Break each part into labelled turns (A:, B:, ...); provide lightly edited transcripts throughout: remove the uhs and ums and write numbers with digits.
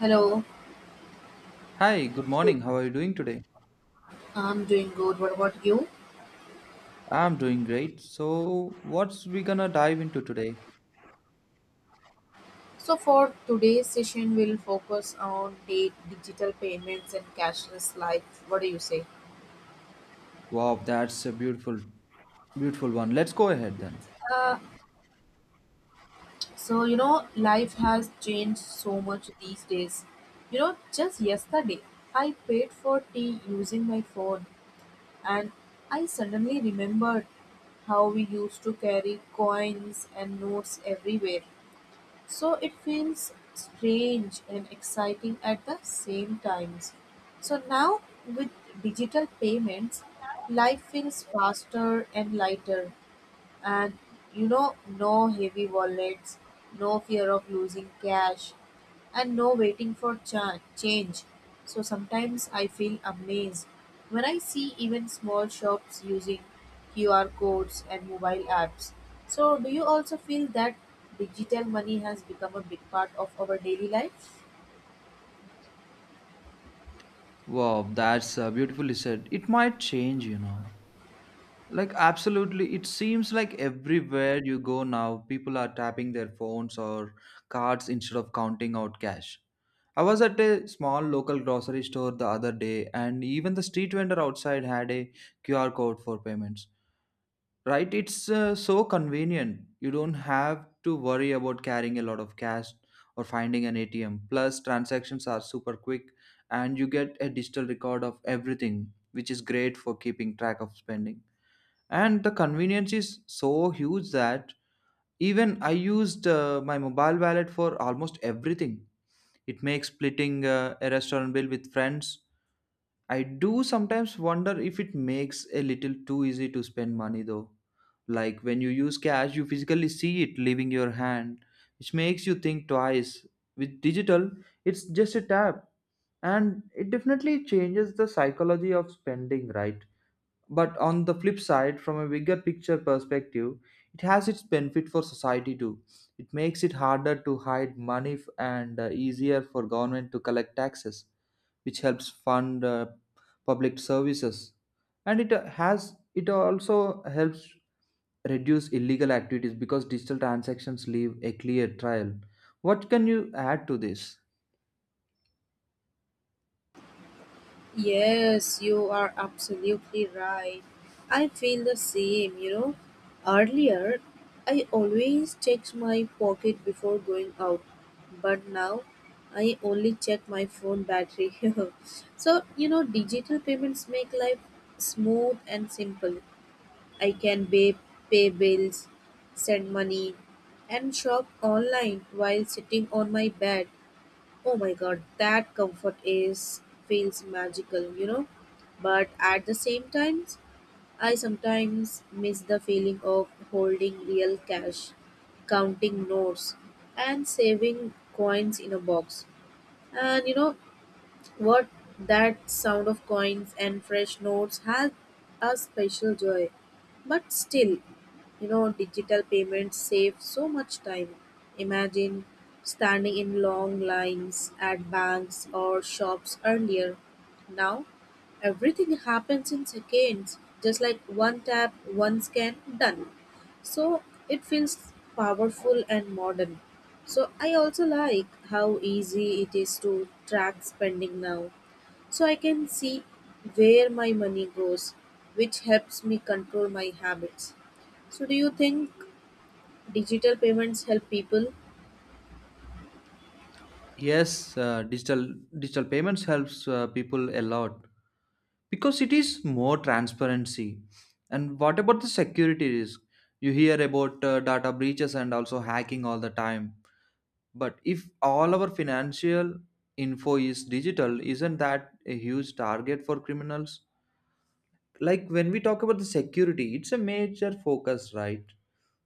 A: Hello,
B: Hi, good morning. How are you doing today?
A: I'm doing good. What about you?
B: I'm doing great. So, what's we gonna dive into today?
A: So, for today's session, we'll focus on the digital payments and cashless life. What do you say?
B: Wow, that's a beautiful one. Let's go ahead then.
A: Uh, you know, life has changed so much these days. You know, just yesterday, I paid for tea using my phone, and I suddenly remembered how we used to carry coins and notes everywhere. So it feels strange and exciting at the same times. So now with digital payments, life feels faster and lighter. And you know, no heavy wallets, no fear of losing cash, and no waiting for change. So sometimes I feel amazed when I see even small shops using QR codes and mobile apps. So, do you also feel that digital money has become a big part of our daily life?
B: Wow, that's beautifully said. It might change, you know. Like, absolutely. It seems like everywhere you go now, people are tapping their phones or cards instead of counting out cash. I was at a small local grocery store the other day, and even the street vendor outside had a QR code for payments. Right, it's so convenient. You don't have to worry about carrying a lot of cash or finding an atm. Plus, transactions are super quick, and you get a digital record of everything, which is great for keeping track of spending. And the convenience is so huge that even I used my mobile wallet for almost everything. It makes splitting a restaurant bill with friends. I do sometimes wonder if it makes a little too easy to spend money though. Like when you use cash, you physically see it leaving your hand, which makes you think twice. With digital, it's just a tap, and it definitely changes the psychology of spending, right? But on the flip side, from a bigger picture perspective, it has its benefit for society too. It makes it harder to hide money and easier for government to collect taxes, which helps fund public services. And it has it also helps reduce illegal activities because digital transactions leave a clear trail. What can you add to this?
A: Yes, you are absolutely right. I feel the same, you know. Earlier, I always checked my pocket before going out, but now I only check my phone battery. So, you know, digital payments make life smooth and simple. I can pay bills, send money, and shop online while sitting on my bed. Oh my god, that comfort is feels magical, you know. But at the same time, I sometimes miss the feeling of holding real cash, counting notes, and saving coins in a box. And you know what? That sound of coins and fresh notes has a special joy. But still, you know, digital payments save so much time. Imagine standing in long lines at banks or shops earlier. Now, everything happens in seconds, just like one tap, one scan, done. So, it feels powerful and modern. So, I also like how easy it is to track spending now. So, I can see where my money goes, which helps me control my habits. So do you think digital payments help people?
B: Yes, digital payments helps people a lot because it is more transparency. And what about the security risk? You hear about data breaches and also hacking all the time. But if all our financial info is digital, isn't that a huge target for criminals? Like when we talk about the security, it's a major focus, right?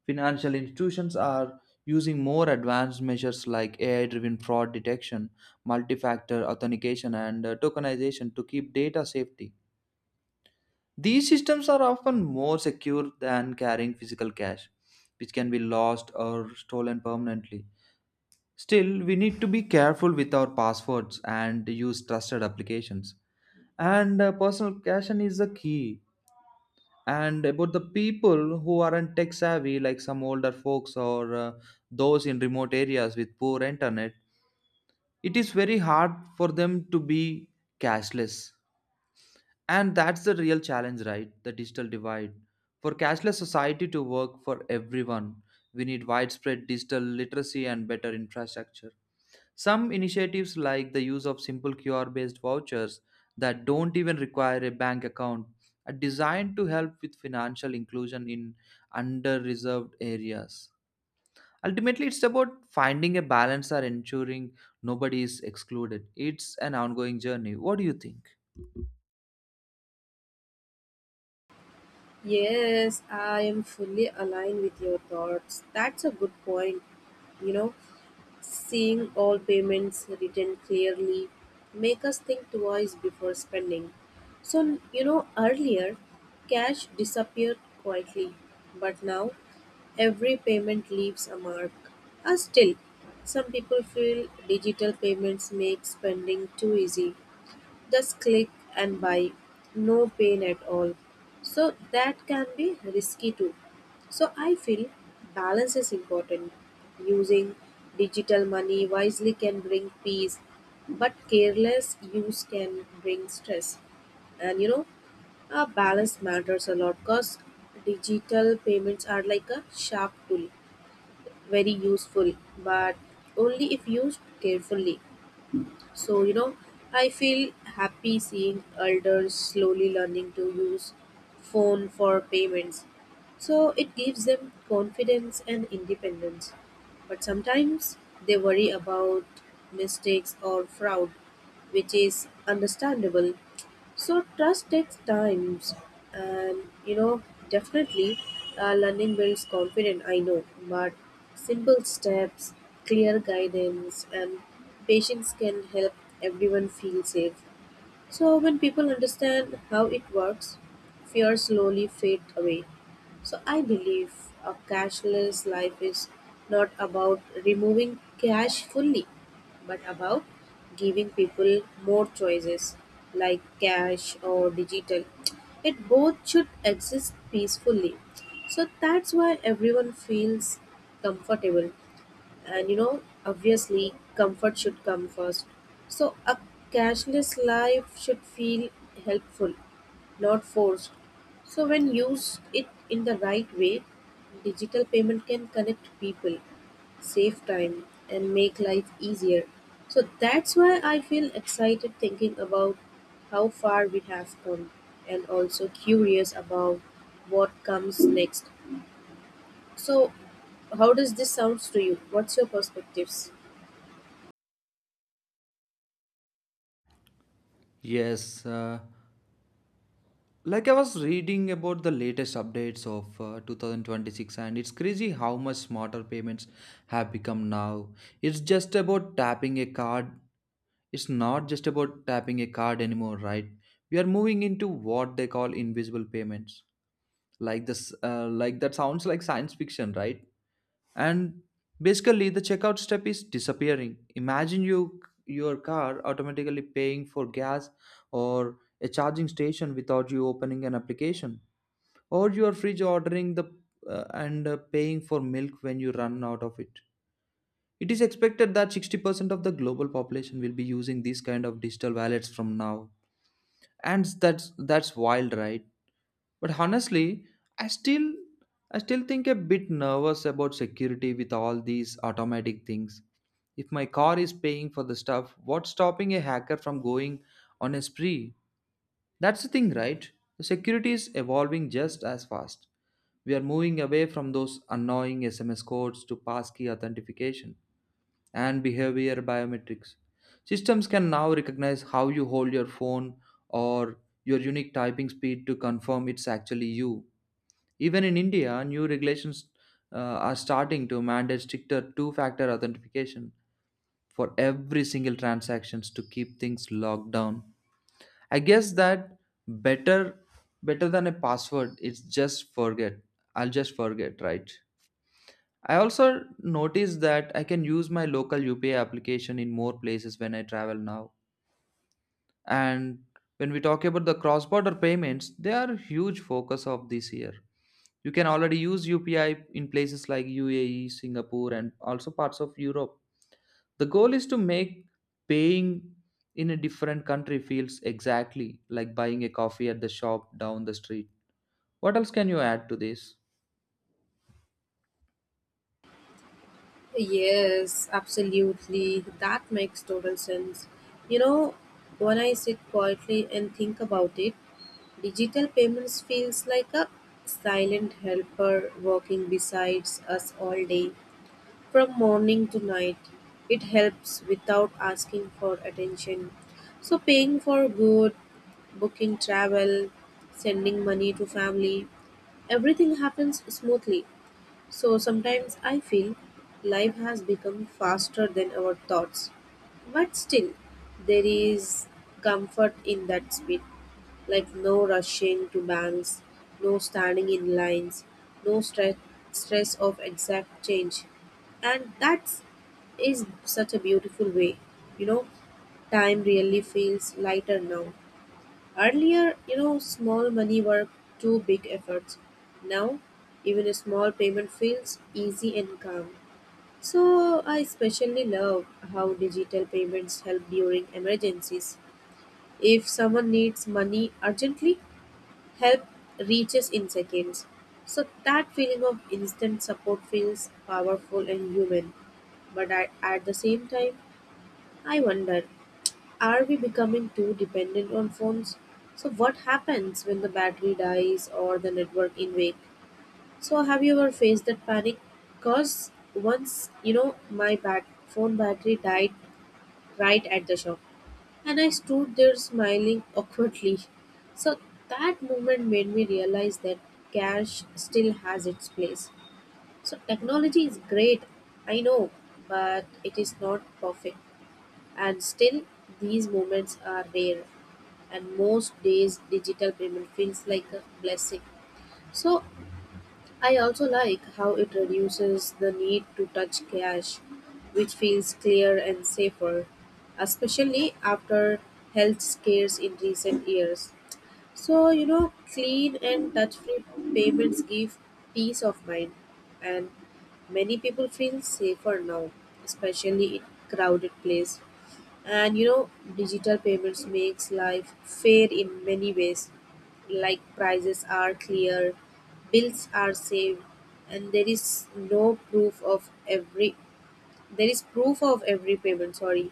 B: Financial institutions are using more advanced measures like AI driven fraud detection, multi factor authentication, and tokenization to keep data safety. These systems are often more secure than carrying physical cash, which can be lost or stolen permanently. Still, we need to be careful with our passwords and use trusted applications. And personal caution is the key. And about the people who aren't tech savvy, like some older folks or those in remote areas with poor internet, it is very hard for them to be cashless. And that's the real challenge, right? The digital divide. For cashless society to work for everyone, we need widespread digital literacy and better infrastructure. Some initiatives, like the use of simple QR based vouchers that don't even require a bank account, are designed to help with financial inclusion in under-reserved areas. Ultimately, it's about finding a balance or ensuring nobody is excluded. It's an ongoing journey. What do you think?
A: Yes, I am fully aligned with your thoughts. That's a good point. You know, seeing all payments written clearly make us think twice before spending. So, you know, earlier cash disappeared quietly, but now every payment leaves a mark. Still, some people feel digital payments make spending too easy. Just click and buy, no pain at all. So that can be risky too. So I feel balance is important. Using digital money wisely can bring peace, but careless use can bring stress. And you know, a balance matters a lot because digital payments are like a sharp tool, very useful, but only if used carefully. So, you know, I feel happy seeing elders slowly learning to use phone for payments. So it gives them confidence and independence. But sometimes they worry about mistakes or fraud, which is understandable. So trust takes times, and you know definitely learning builds confidence. I know, but simple steps, clear guidance, and patience can help everyone feel safe. So, when people understand how it works, fear slowly fade away. So, I believe a cashless life is not about removing cash fully, but about giving people more choices like cash or digital. It both should exist peacefully. So, that's why everyone feels comfortable, and you know obviously comfort should come first. So a cashless life should feel helpful, not forced. So when used it in the right way, digital payment can connect people, save time, and make life easier. So that's why I feel excited thinking about how far we have come, and also curious about what comes next. So how does this sounds to you? What's your perspectives?
B: Yes, like I was reading about the latest updates of 2026, and it's crazy how much smarter payments have become now. It's just about tapping a card It's not just about tapping a card anymore, right? We are moving into what they call invisible payments. Like that sounds like science fiction, right? And basically, the checkout step is disappearing. Imagine your car automatically paying for gas or a charging station without you opening an application, or your fridge ordering the and paying for milk when you run out of it. It is expected that 60% of the global population will be using these kind of digital wallets from now. And that's wild, right? But honestly, I still I still think a bit nervous about security with all these automatic things. If my car is paying for the stuff, what's stopping a hacker from going on a spree? That's the thing, right? The security is evolving just as fast. We are moving away from those annoying SMS codes to passkey authentication and behavior biometrics. Systems can now recognize how you hold your phone or your unique typing speed to confirm it's actually you. Even in India, new regulations uh, are starting to mandate stricter two factor authentication for every single transactions to keep things locked down. I guess that better better than a password, it's just forget, right? I also noticed that I can use my local UPI application in more places when I travel now. And when we talk about the cross-border payments, they are a huge focus of this year. You can already use UPI in places like UAE, Singapore, and also parts of Europe. The goal is to make paying in a different country feels exactly like buying a coffee at the shop down the street. What else can you add to this?
A: Yes, absolutely. That makes total sense. You know, when I sit quietly and think about it, digital payments feels like a silent helper working besides us all day, from morning to night. It helps without asking for attention. So paying for good, booking travel, sending money to family, everything happens smoothly. So sometimes I feel life has become faster than our thoughts. But still, there is comfort in that speed, like no rushing to banks, no standing in lines, no stress of exact change. And that is such a beautiful way. You know, time really feels lighter now. Earlier, you know, small money were too big efforts. Now, even a small payment feels easy and calm. So, I especially love how digital payments help during emergencies. If someone needs money urgently, help reaches in seconds. So, that feeling of instant support feels powerful and human. But At the same time, I wonder, are we becoming too dependent on phones? So what happens when the battery dies or the network invade? So have you ever faced that panic? Cause once you know my phone battery died right at the shop, and I stood there smiling awkwardly. So that moment made me realize that cash still has its place. So technology is great, I know, but it is not perfect, and still these moments are rare, and most days digital payment feels like a blessing. So I also like how it reduces the need to touch cash, which feels clear and safer, especially after health scares in recent years. So you know, clean and touch free payments give peace of mind, and many people feel safer now, especially in crowded place. And you know, digital payments makes life fair in many ways, like prices are clear, bills are saved, and there is proof of every payment, sorry,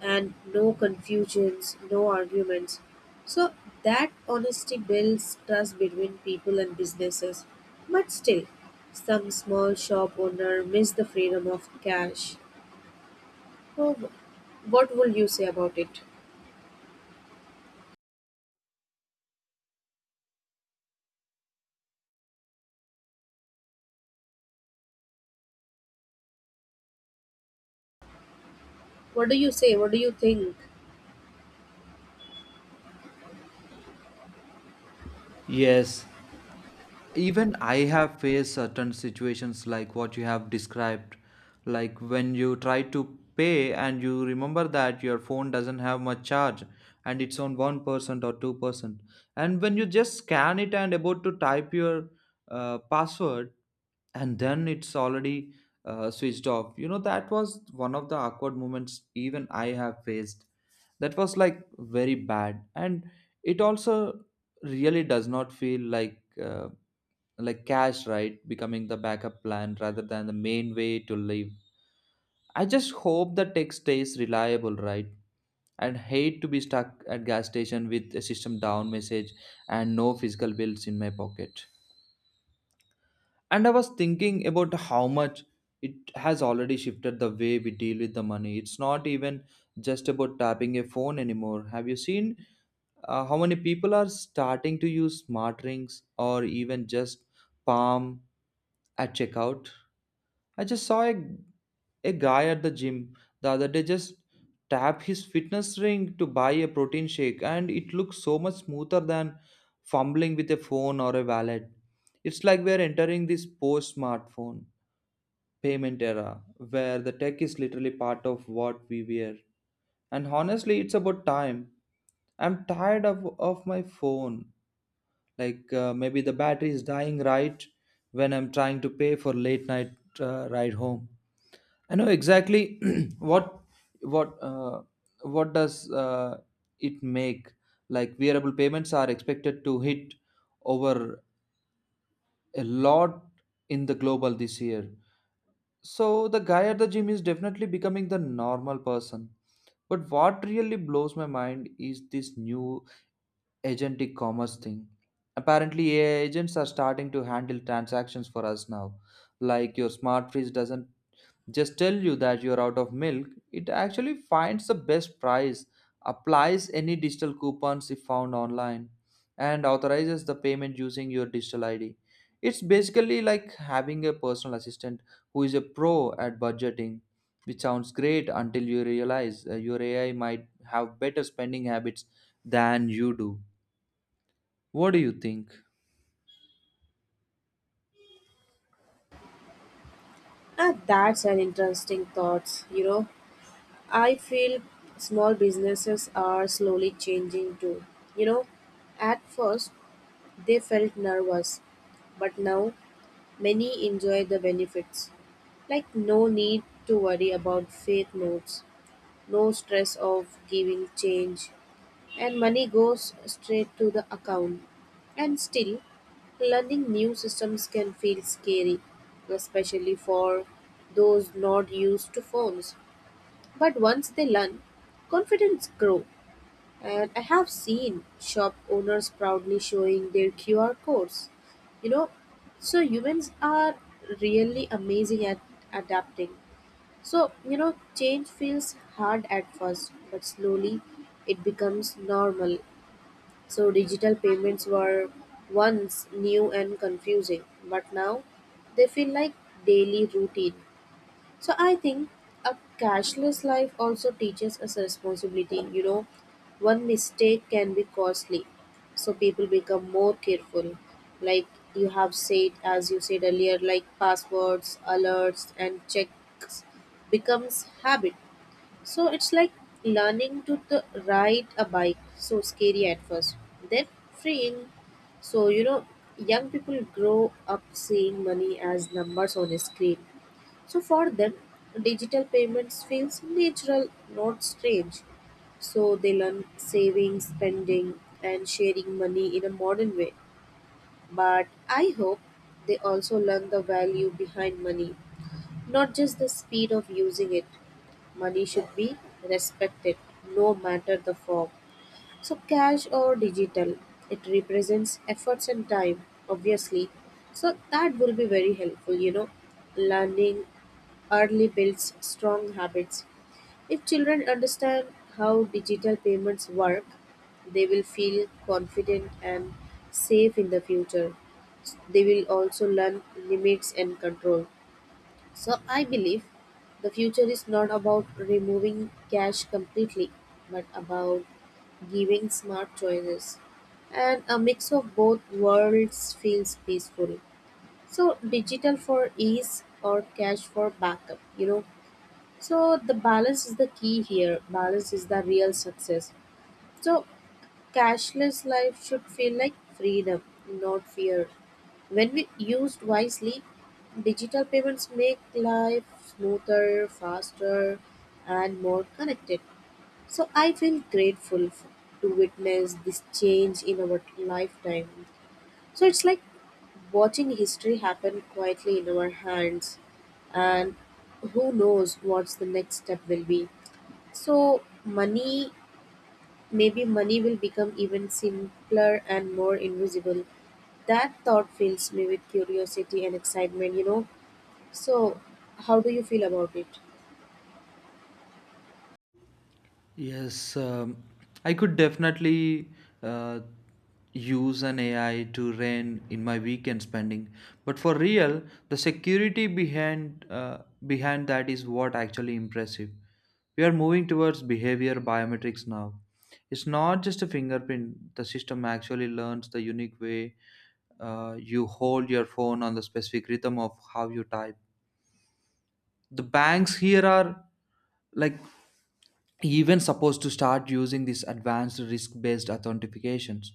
A: and no confusions, no arguments. So that honesty builds trust between people and businesses. But still, some small shop owner miss the freedom of cash. So what will you say about it? What do you say? What do you think?
B: Yes, even I have faced certain situations like what you have described, like when you try to pay and you remember that your phone doesn't have much charge and it's on 1% or 2%. And when you just scan it and about to type your password, and then it's already switched off. You know, that was one of the awkward moments even I have faced. That was like very bad. And it also really does not feel like. Like cash, right, becoming the backup plan rather than the main way to live. I just hope the tech stays reliable, right? And hate to be stuck at gas station with a system down message and no physical bills in my pocket. And I was thinking about how much it has already shifted the way we deal with the money. It's not even just about tapping a phone anymore. Have you seen how many people are starting to use smart rings or even just palm at checkout? I just saw a guy at the gym the other day just tap his fitness ring to buy a protein shake, and it looks so much smoother than fumbling with a phone or a wallet. It's like we're entering this post smartphone payment era where the tech is literally part of what we wear. And honestly, it's about time. I'm tired of my phone. Like maybe the battery is dying right when I'm trying to pay for late night ride home. I know exactly what what uh, what does it make like wearable payments are expected to hit over a lot in the global this year. So the guy at the gym is definitely becoming the normal person. But what really blows my mind is this new agentic commerce thing. Apparently, AI agents are starting to handle transactions for us now. Like your smart fridge doesn't just tell you that you're out of milk, it actually finds the best price, applies any digital coupons if found online, and authorizes the payment using your digital ID. It's basically like having a personal assistant who is a pro at budgeting, which sounds great until you realize your AI might have better spending habits than you do. What do you think?
A: Ah, that's an interesting thought, you know. I feel small businesses are slowly changing too. You know, at first they felt nervous, but now many enjoy the benefits. Like, no need to worry about fake notes, no stress of giving change, and money goes straight to the account. And still, learning new systems can feel scary, especially for those not used to phones. But once they learn, confidence grow, and I have seen shop owners proudly showing their QR codes. You know, so humans are really amazing at adapting. So, you know, change feels hard at first, but slowly it becomes normal. So digital payments were once new and confusing, but now they feel like daily routine. So I think a cashless life also teaches us responsibility. You know, one mistake can be costly. So people become more careful. Like as you said earlier, like passwords, alerts, and checks becomes habit. So it's like learning to ride a bike. So scary at first, then freeing. So you know, young people grow up seeing money as numbers on a screen. So for them, digital payments feels natural, not strange. So they learn saving, spending, and sharing money in a modern way. But I hope they also learn the value behind money, not just the speed of using it. Money should be respected, no matter the form. So, cash or digital, it represents efforts and time, obviously. So, that will be very helpful, you know. Learning early builds strong habits. If children understand how digital payments work, they will feel confident and safe in the future. They will also learn limits and control. So I believe the future is not about removing cash completely, but about giving smart choices. And a mix of both worlds feels peaceful. So digital for ease or cash for backup, you know. So the balance is the key here. Balance is the real success. So cashless life should feel like freedom, not fear. When we used wisely, digital payments make life smoother, faster, and more connected. So I feel grateful to witness this change in our lifetime. So it's like watching history happen quietly in our hands, and who knows what's the next step will be. So maybe money will become even simpler and more invisible. That thought fills me with curiosity and excitement, you know. So, how do you feel about it?
B: Yes, I could definitely uh, use an AI to rein in my weekend spending, but for real, the security behind behind that is what actually impressive. We are moving towards behavior biometrics now. It's not just a fingerprint. The system actually learns the unique way you hold your phone on the specific rhythm of how you type. The banks here are like even supposed to start using these advanced risk based authentications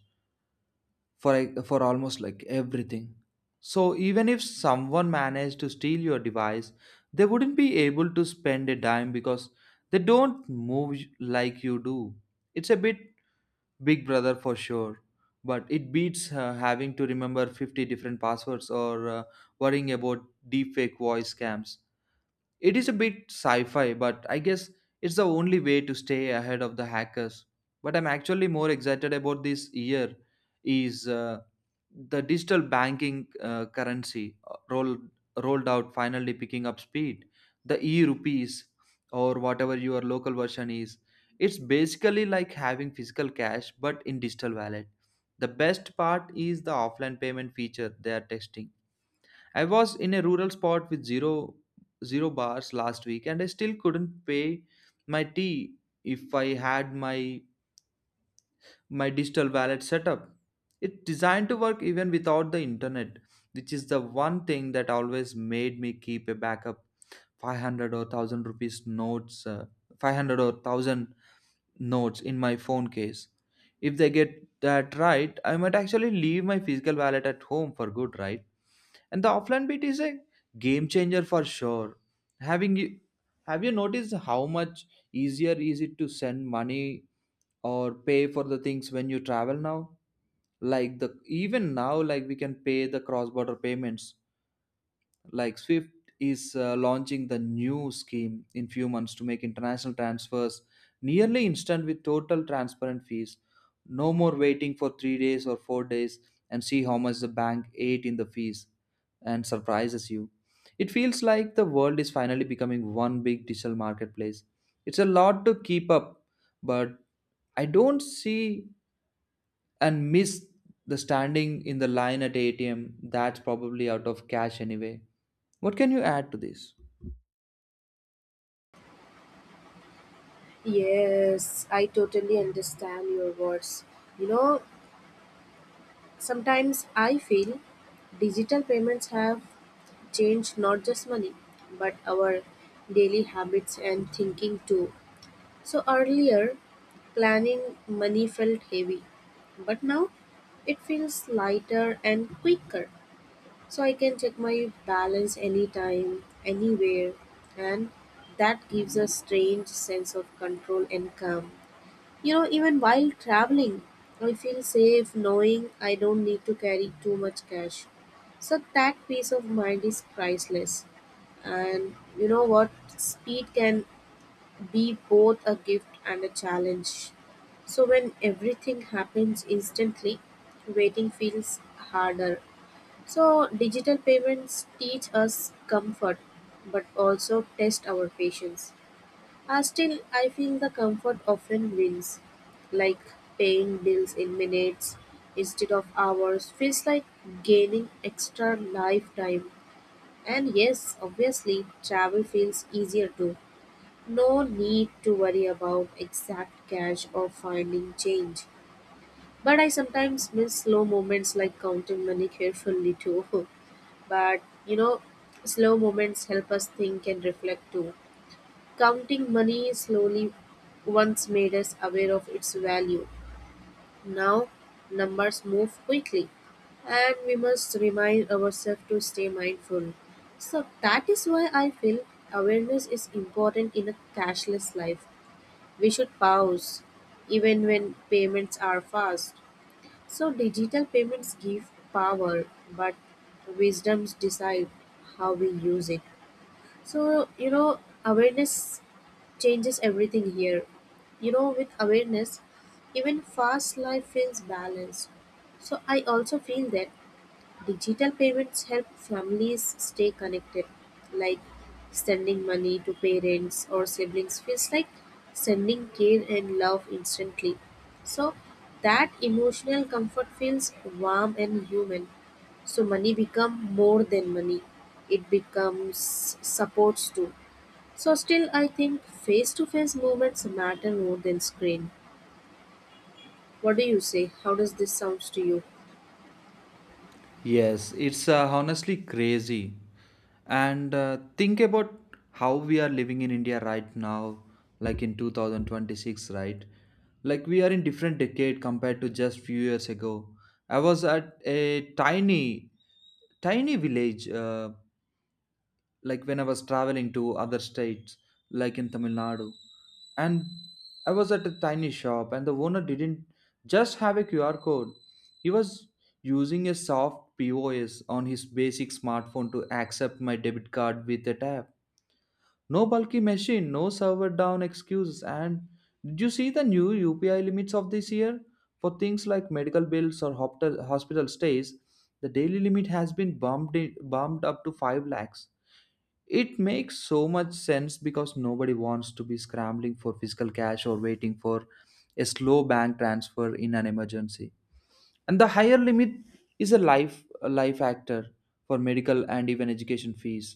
B: for for almost like everything. So even if someone managed to steal your device, they wouldn't be able to spend a dime because they don't move like you do. It's a bit big brother for sure, but it beats having to remember 50 different passwords or worrying about deepfake voice scams. It is a bit sci fi, but I guess it's the only way to stay ahead of the hackers. What I'm actually more excited about this year is the digital banking currency rolled out finally picking up speed. The e rupees, or whatever your local version is, it's basically like having physical cash but in digital wallet. The best part is the offline payment feature they are testing. I was in a rural spot with zero bars last week, and I still couldn't pay my tea if I had my digital wallet set up. It's designed to work even without the internet, which is the one thing that always made me keep a backup 500 or 1000 rupees notes uh, 500 or 1000 notes in my phone case. If they get that right, I might actually leave my physical wallet at home for good, right? And the offline beat is a game changer for sure. Having you Have you noticed how much easier is it to send money or pay for the things when you travel now? Like the even now, like we can pay the cross border payments like swift is launching the new scheme in few months to make international transfers nearly instant with total transparent fees, no more waiting for 3 days or 4 days and see how much the bank ate in the fees and surprises you. It feels like the world is finally becoming one big digital marketplace. It's a lot to keep up, but I don't see and miss the standing in the line at ATM that's probably out of cash anyway. What can you add to this?
A: Yes, I totally understand your words. You know, sometimes I feel digital payments have changed not just money, but our daily habits and thinking too. So earlier, planning money felt heavy, but now it feels lighter and quicker. So I can check my balance anytime, anywhere, and that gives a strange sense of control and calm. You know, even while traveling, I feel safe knowing I don't need to carry too much cash. So that peace of mind is priceless. And you know what? Speed can be both a gift and a challenge. So when everything happens instantly, waiting feels harder. So digital payments teach us comfort but also test our patience. Still, I feel the comfort often wins, like paying bills in minutes instead of hours feels like gaining extra lifetime. And yes, obviously, travel feels easier too. No need to worry about exact cash or finding change. But I sometimes miss slow moments like counting money carefully too. But you know, slow moments help us think and reflect too. Counting money slowly once made us aware of its value. Now numbers move quickly, and we must remind ourselves to stay mindful. So that is why I feel awareness is important in a cashless life. We should pause even when payments are fast. So digital payments give power, but wisdoms decide how we use it. So you know, awareness changes everything here. You know, with awareness, even fast life feels balanced. So I also feel that digital payments help families stay connected, like sending money to parents or siblings feels like sending care and love instantly. So that emotional comfort feels warm and human. So money become more than money. It becomes supports too. So still I think face to face moments matter more than screen. What do you say? How does this sounds to you?
B: Yes, it's honestly crazy. And think about how we are living in India right now, like in 2026, right? Like we are in different decade compared to just few years ago. I was at a tiny village like when I was traveling to other states like in tamil nadu and I was at a tiny shop and the owner didn't just have a QR code. He was using a soft POS on his basic smartphone to accept my debit card with a tap. No bulky machine, no server down excuses. And did you see the new UPI limits of this year? For things like medical bills or hospital stays, the daily limit has been bumped up to 5 lakhs. It makes so much sense because nobody wants to be scrambling for physical cash or waiting for a slow bank transfer in an emergency. And the higher limit is a life actor for medical and even education fees.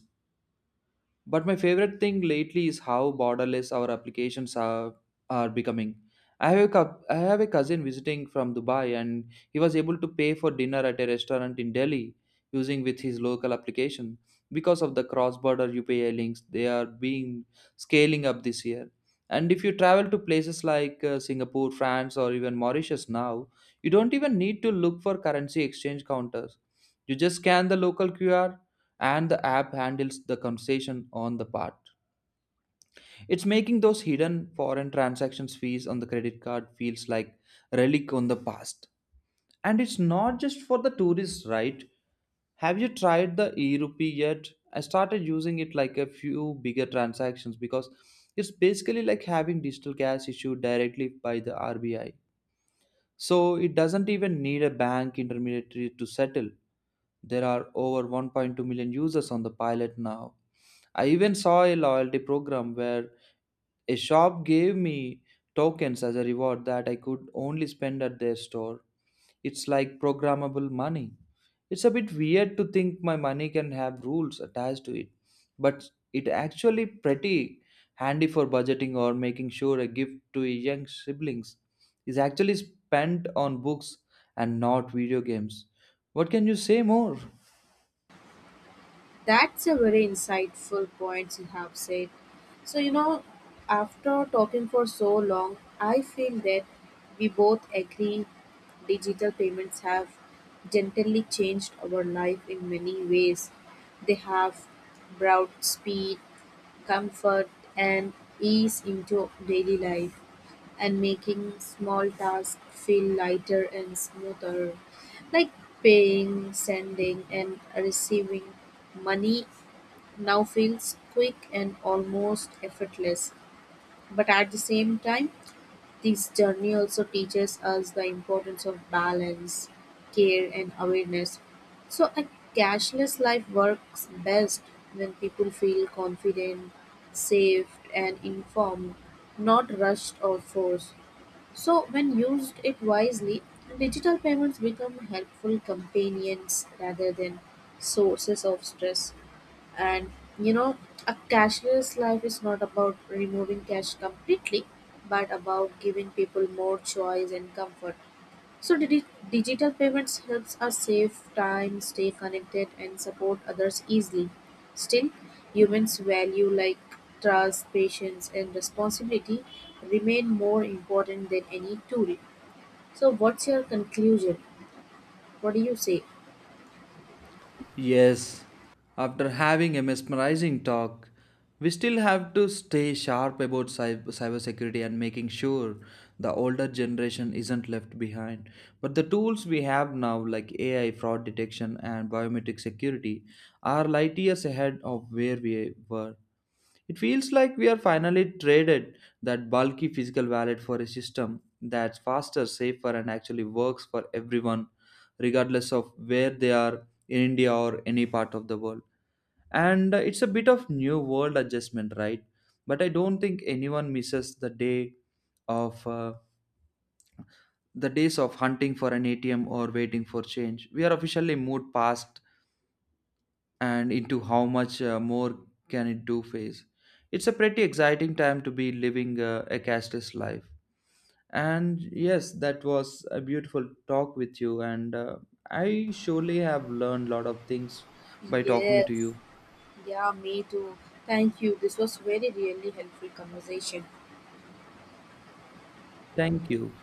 B: But my favorite thing lately is how borderless our applications are becoming. I have a cousin visiting from Dubai, and he was able to pay for dinner at a restaurant in Delhi using with his local application. Because of the cross-border UPI links, they are being scaling up this year. And if you travel to places like Singapore, France, or even Mauritius now, you don't even need to look for currency exchange counters. You just scan the local QR and the app handles the conversation on the part. It's making those hidden foreign transactions fees on the credit card feels like relic on the past. And it's not just for the tourists, right? Have you tried the e-rupee yet? I started using it like a few bigger transactions because it's basically like having digital cash issued directly by the RBI. So it doesn't even need a bank intermediary to settle. There are over 1.2 million users on the pilot now. I even saw a loyalty program where a shop gave me tokens as a reward that I could only spend at their store. It's like programmable money. It's a bit weird to think my money can have rules attached to it, but it actually pretty handy for budgeting or making sure a gift to young siblings is actually spent on books and not video games. What can you say more?
A: That's a very insightful point you have said. So, you know, after talking for so long, I feel that we both agree digital payments have gently changed our life in many ways. They have brought speed, comfort, and ease into daily life and making small tasks feel lighter and smoother. Like paying, sending, and receiving money now feels quick and almost effortless. But at the same time, this journey also teaches us the importance of balance, care, and awareness. So, a cashless life works best when people feel confident, safe, and informed, not rushed or forced. So, when used it wisely, digital payments become helpful companions rather than sources of stress. And you know, a cashless life is not about removing cash completely, but about giving people more choice and comfort. So, digital payments helps us save time, stay connected, and support others easily. Still, humans' value like trust, patience, and responsibility remain more important than any tool. So, what's your conclusion? What do you say?
B: Yes, after having a mesmerizing talk, we still have to stay sharp about cybersecurity and making sure the older generation isn't left behind. But the tools we have now, like AI fraud detection and biometric security, are light years ahead of where we were. It feels like we are finally traded that bulky physical wallet for a system that's faster, safer, and actually works for everyone regardless of where they are in India or any part of the world. And it's a bit of new world adjustment, right? But I don't think anyone misses the day of the days of hunting for an ATM or waiting for change. We are officially moved past and into how much more can it do phase. It's a pretty exciting time to be living a cashless life. And yes, that was a beautiful talk with you. And I surely have learned a lot of things by talking to
A: Yes.
B: you.
A: Yeah, me too. Thank you. This was very really helpful conversation.
B: Thank you.